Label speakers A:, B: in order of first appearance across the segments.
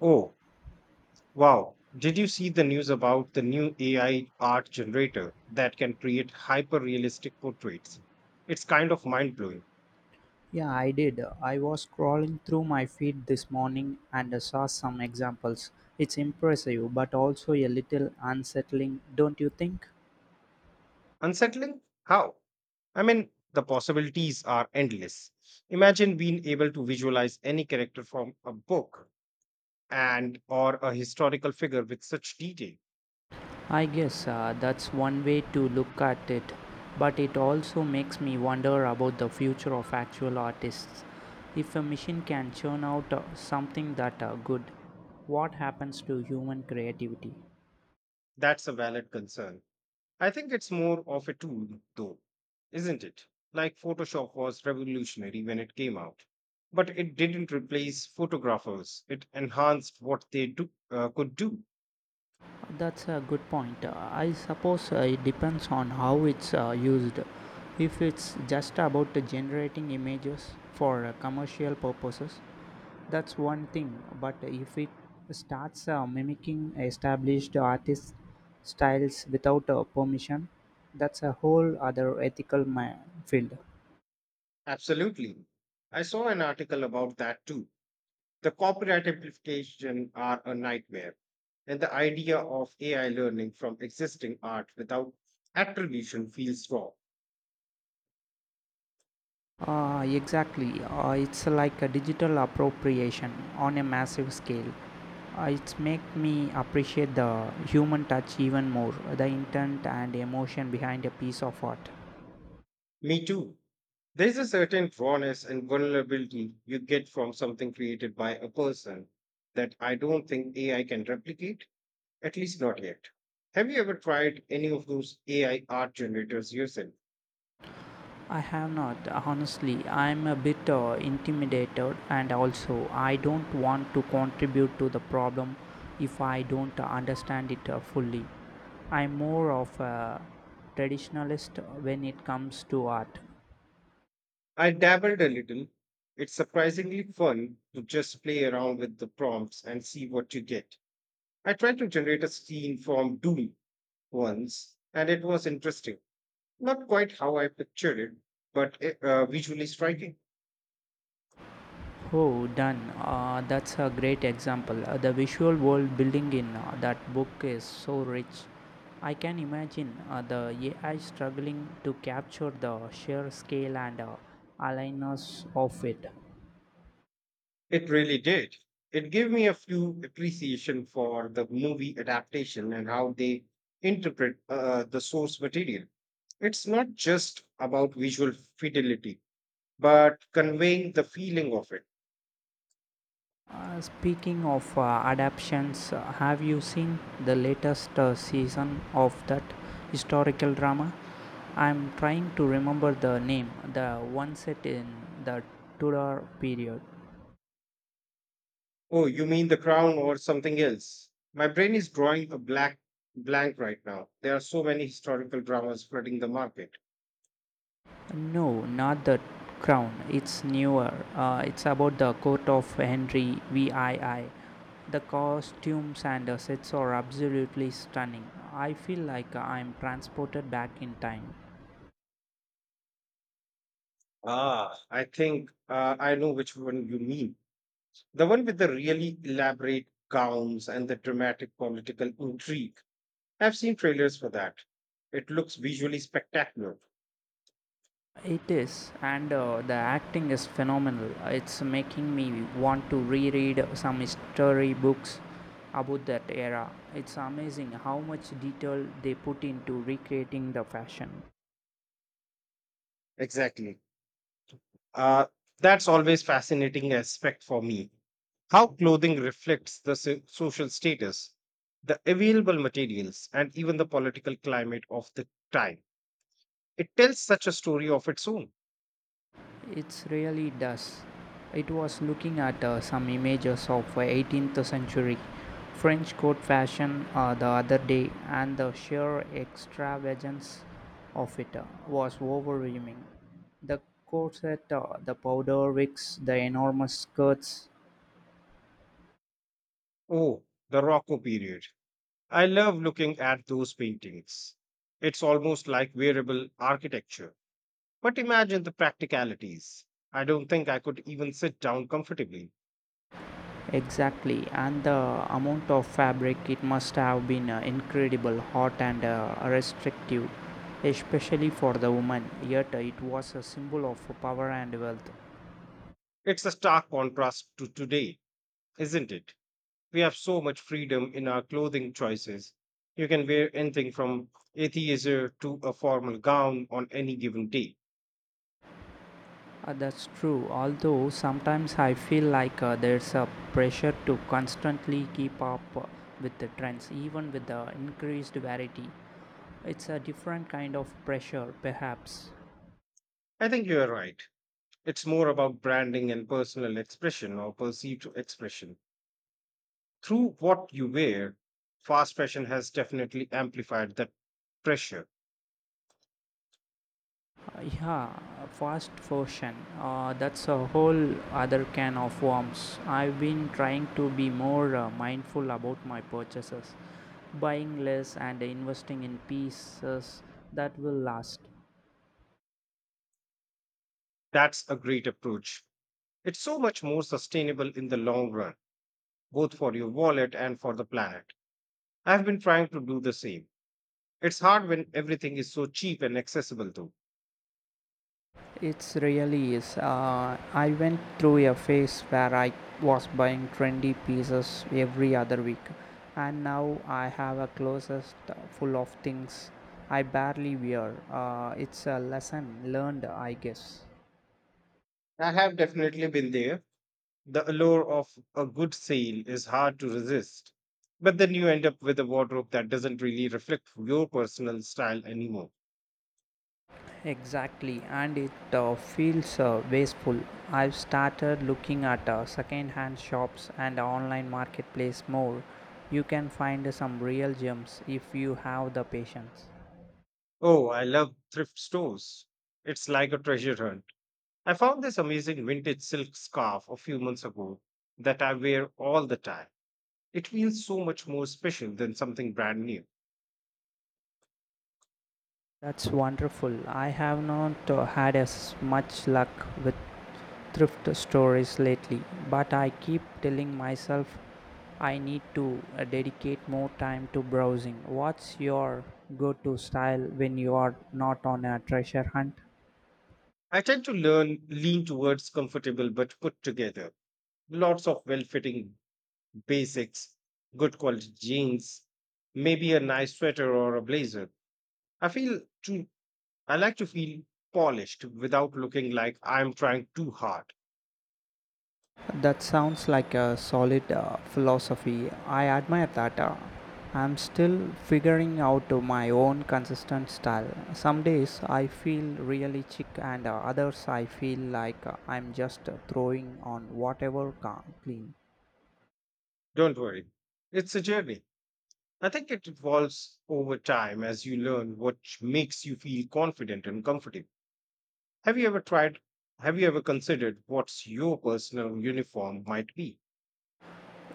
A: Oh, wow. Did you see the news about the new AI art generator that can create hyper realistic portraits? It's kind of mind blowing.
B: Yeah, I did. I was scrolling through my feed this morning and I saw some examples. It's impressive, but also a little unsettling, don't you think?
A: Unsettling? How? I mean, the possibilities are endless. Imagine being able to visualize any character from a book and or a historical figure with such detail.
B: I guess that's one way to look at it, but it also makes me wonder about the future of actual artists. If a machine can churn out something that good, what happens to human creativity?
A: That's a valid concern. I think it's more of a tool, though, isn't it? Like Photoshop was revolutionary when it came out, but it didn't replace photographers, it enhanced what they could do.
B: That's a good point. I suppose it depends on how it's used. If it's just about generating images for commercial purposes, that's one thing. But if it starts mimicking established artist styles without permission, that's a whole other ethical field.
A: Absolutely. I saw an article about that too. The copyright implications are a nightmare, and the idea of AI learning from existing art without attribution feels raw.
B: Exactly. It's like a digital appropriation on a massive scale. It's make me appreciate the human touch even more, the intent and emotion behind a piece of art.
A: Me too. There's a certain rawness and vulnerability you get from something created by a person that I don't think AI can replicate, at least not yet. Have you ever tried any of those AI art generators yourself?
B: I have not, honestly. I'm a bit intimidated, and also I don't want to contribute to the problem if I don't understand it fully. I'm more of a traditionalist when it comes to art.
A: I dabbled a little. It's surprisingly fun to just play around with the prompts and see what you get. I tried to generate a scene from Doom once, and it was interesting. Not quite how I pictured it, but visually striking.
B: Oh, done. That's a great example. The visual world building in that book is so rich. I can imagine the AI struggling to capture the sheer scale and aligness of it.
A: It really did. It gave me a few appreciation for the movie adaptation and how they interpret the source material. It's not just about visual fidelity, but conveying the feeling of it.
B: Speaking of adaptations, have you seen the latest season of that historical drama? I'm trying to remember the name, the one set in the Tudor period.
A: Oh, you mean The Crown or something else? My brain is drawing a black blank right now. There are so many historical dramas flooding the market.
B: No, not the crown. It's newer. It's about the court of Henry VII. The costumes and the sets are absolutely stunning. I feel like I'm transported back in time.
A: Ah, I think I know which one you mean. The one with the really elaborate gowns and the dramatic political intrigue. I've seen trailers for that. It looks visually spectacular.
B: It is, and the acting is phenomenal. It's making me want to reread some history books about that era. It's amazing how much detail they put into recreating the fashion.
A: Exactly. Uh, that's always fascinating aspect for me. How clothing reflects the social status, the available materials, and even the political climate of the time. It tells such a story of its own.
B: It really does. It was looking at some images of 18th century French court fashion the other day, and the sheer extravagance of it was overwhelming. The corset, the powder wigs, the enormous skirts,
A: Oh, the Rocco period. I love looking at those paintings. It's almost like wearable architecture. But imagine the practicalities. I don't think I could even sit down comfortably.
B: exactly, and the amount of fabric it must have been incredible, hot and restrictive, especially for the woman. Yet it was a symbol of power and wealth.
A: It's a stark contrast to today, isn't it? We have so much freedom in our clothing choices. You can wear anything from atheism to a formal gown on any given day.
B: That's true, although sometimes I feel like there's a pressure to constantly keep up with the trends, even with the increased variety. It's a different kind of pressure, perhaps.
A: I think you're right. It's more about branding and personal expression or perceived expression through what you wear. Fast fashion has definitely amplified that pressure.
B: Yeah, fast fashion. That's a whole other can of worms. I've been trying to be more mindful about my purchases, buying less and investing in pieces that will last.
A: That's a great approach. It's so much more sustainable in the long run, both for your wallet and for the planet. I've been trying to do the same. It's hard when everything is so cheap and accessible, though.
B: It's really is. I went through a phase where I was buying trendy pieces every other week, and now I have a closet full of things I barely wear. It's a lesson learned, I guess.
A: I have definitely been there. The allure of a good sale is hard to resist. But then you end up with a wardrobe that doesn't really reflect your personal style anymore.
B: Exactly, and it feels wasteful. I've started looking at second-hand shops and online marketplace more. You can find some real gems if you have the patience.
A: Oh, I love thrift stores. It's like a treasure hunt. I found this amazing vintage silk scarf a few months ago that I wear all the time. It feels so much more special than something brand new.
B: That's wonderful. I have not had as much luck with thrift stores lately, but I keep telling myself I need to dedicate more time to browsing. What's your go to style when you are not on a treasure hunt?
A: I tend to learn lean towards comfortable but put together. Lots of well-fitting basics, good quality jeans, maybe a nice sweater or a blazer. I feel too I like to feel polished without looking like I'm trying too hard.
B: That sounds like a solid philosophy. I admire that. I'm still figuring out my own consistent style. Some days I feel really chic, and others I feel like I'm just throwing on whatever can clean.
A: Don't worry. It's a journey. I think it evolves over time as you learn what makes you feel confident and comfortable. Have you ever tried? Have you ever considered what's your personal uniform might be?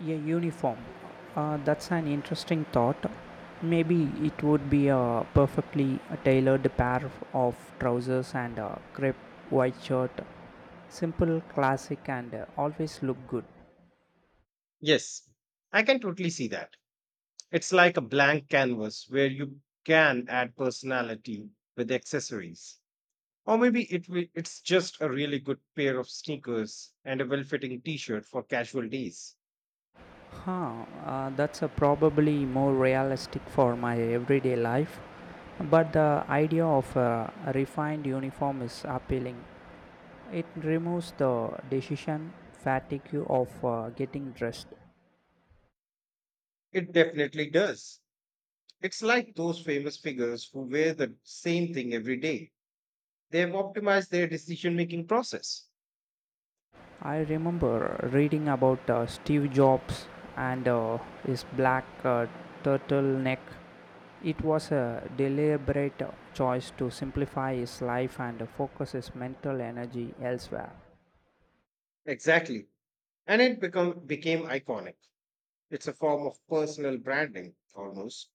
B: A uniform. That's an interesting thought. Maybe it would be a perfectly tailored pair of trousers and a crepe white shirt. Simple, classic, and always look good.
A: Yes, I can totally see that. It's like a blank canvas where you can add personality with accessories. Or maybe it's just a really good pair of sneakers and a well fitting t shirt for casual days.
B: Huh, that's a probably more realistic for my everyday life, but the idea of a refined uniform is appealing. It removes the decision fatigue of getting dressed.
A: It definitely does. It's like those famous figures who wear the same thing every day. They have optimized their decision making process.
B: I remember reading about Steve Jobs and his black turtleneck. It was a deliberate choice to simplify his life and focus his mental energy elsewhere.
A: Exactly. And became iconic. It's a form of personal branding, almost.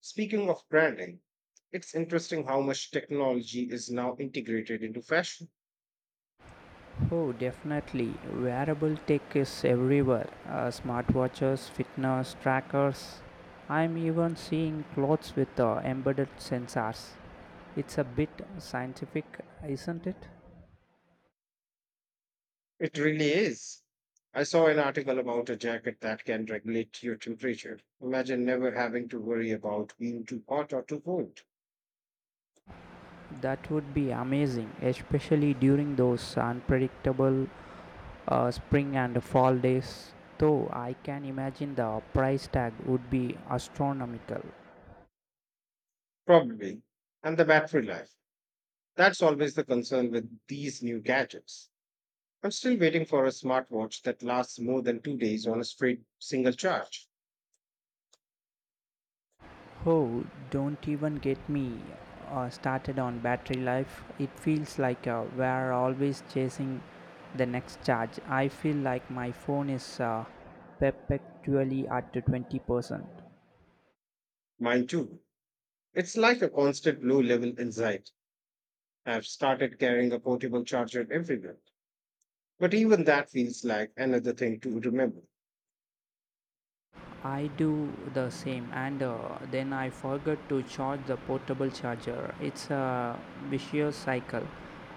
A: Speaking of branding, it's interesting how much technology is now integrated into fashion.
B: Oh, definitely. Wearable tech is everywhere. Smartwatches, fitness trackers. I'm even seeing clothes with embedded sensors. It's a bit scientific, isn't it?
A: It really is. I saw an article about a jacket that can regulate your temperature. Imagine never having to worry about being too hot or too cold.
B: That would be amazing, especially during those unpredictable spring and fall days. Though I can imagine the price tag would be astronomical.
A: Probably. And the battery life. That's always the concern with these new gadgets. I'm still waiting for a smartwatch that lasts more than 2 days on a straight single charge.
B: Oh, don't even get me started on battery life. It feels like we're always chasing the next charge. I feel like my phone is perpetually at the 20%.
A: Mine too. It's like a constant low level anxiety. I've started carrying a portable charger everywhere. But even that feels like another thing to remember.
B: I do the same, and then I forget to charge the portable charger. It's a vicious cycle.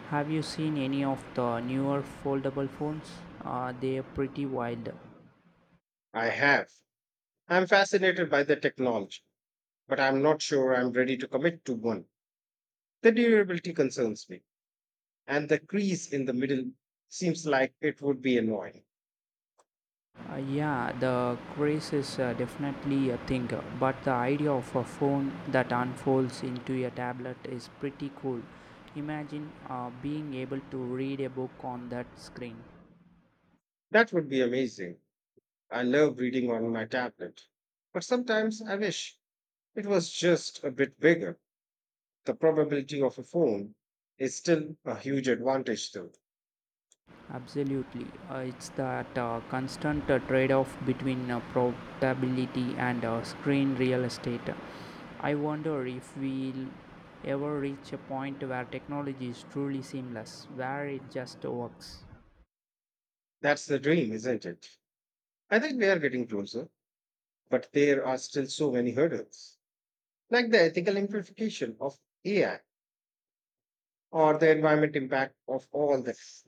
B: Have you seen any of the newer foldable phones? They're pretty wild.
A: I have. I'm fascinated by the technology, but I'm not sure I'm ready to commit to one. The durability concerns me, and the crease in the middle seems like it would be annoying.
B: Yeah, the craze is definitely a thing, but the idea of a phone that unfolds into a tablet is pretty cool. Imagine being able to read a book on that screen.
A: That would be amazing. I love reading on my tablet, but sometimes I wish it was just a bit bigger. The probability of a phone is still a huge advantage though.
B: Absolutely. It's that constant trade off between portability and screen real estate. I wonder if we'll ever reach a point where technology is truly seamless, where it just works.
A: That's the dream, isn't it? I think we are getting closer, but there are still so many hurdles, like the ethical implication of AI or the environment impact of all this.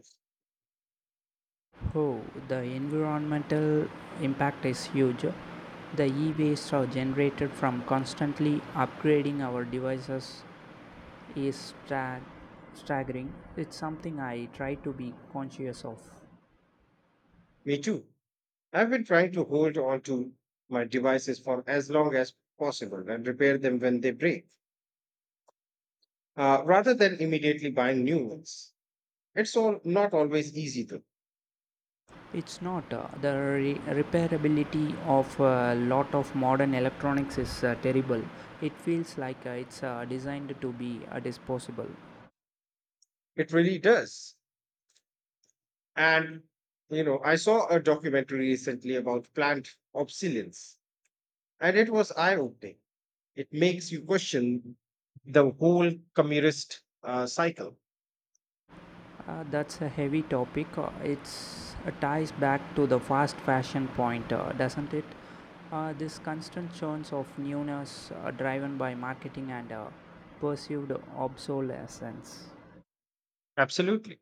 B: Oh, the environmental impact is huge. The e waste are generated from constantly upgrading our devices is staggering. It's something I try to be conscious of.
A: Me too. I've been trying to hold on to my devices for as long as possible and repair them when they break, rather than immediately buying new ones. It's all not always easy though.
B: It's not. The repairability of a lot of modern electronics is terrible. It feels like it's designed to be disposable.
A: It really does. And you know, I saw a documentary recently about plant obsolescence, and it was eye-opening. It makes you question the whole communist cycle.
B: That's a heavy topic. It's ties back to the fast fashion point, doesn't it? This constant churns of newness driven by marketing and perceived obsolescence
A: Absolutely.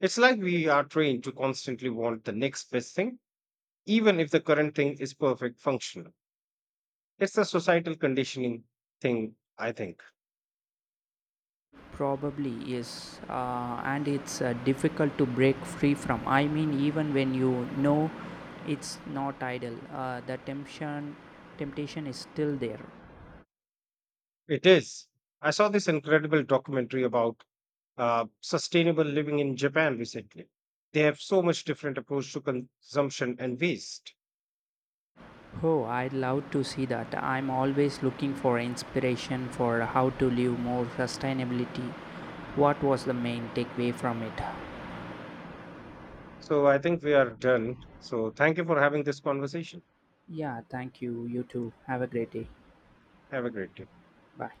A: It's like we are trained to constantly want the next best thing even if the current thing is perfect functional. It's a societal conditioning thing, I think.
B: probably is, and it's difficult to break free from. I mean, even when you know it's not idle, the temptation is still there.
A: It is. I saw this incredible documentary about sustainable living in Japan recently. They have so much different approach to consumption and waste.
B: Oh, I'd love to see that. I'm always looking for inspiration for how to live more sustainability. What was the main takeaway from it?
A: So I think we are done. So thank you for having this conversation.
B: Yeah, thank you. You too. Have a great day.
A: Have a great day.
B: Bye.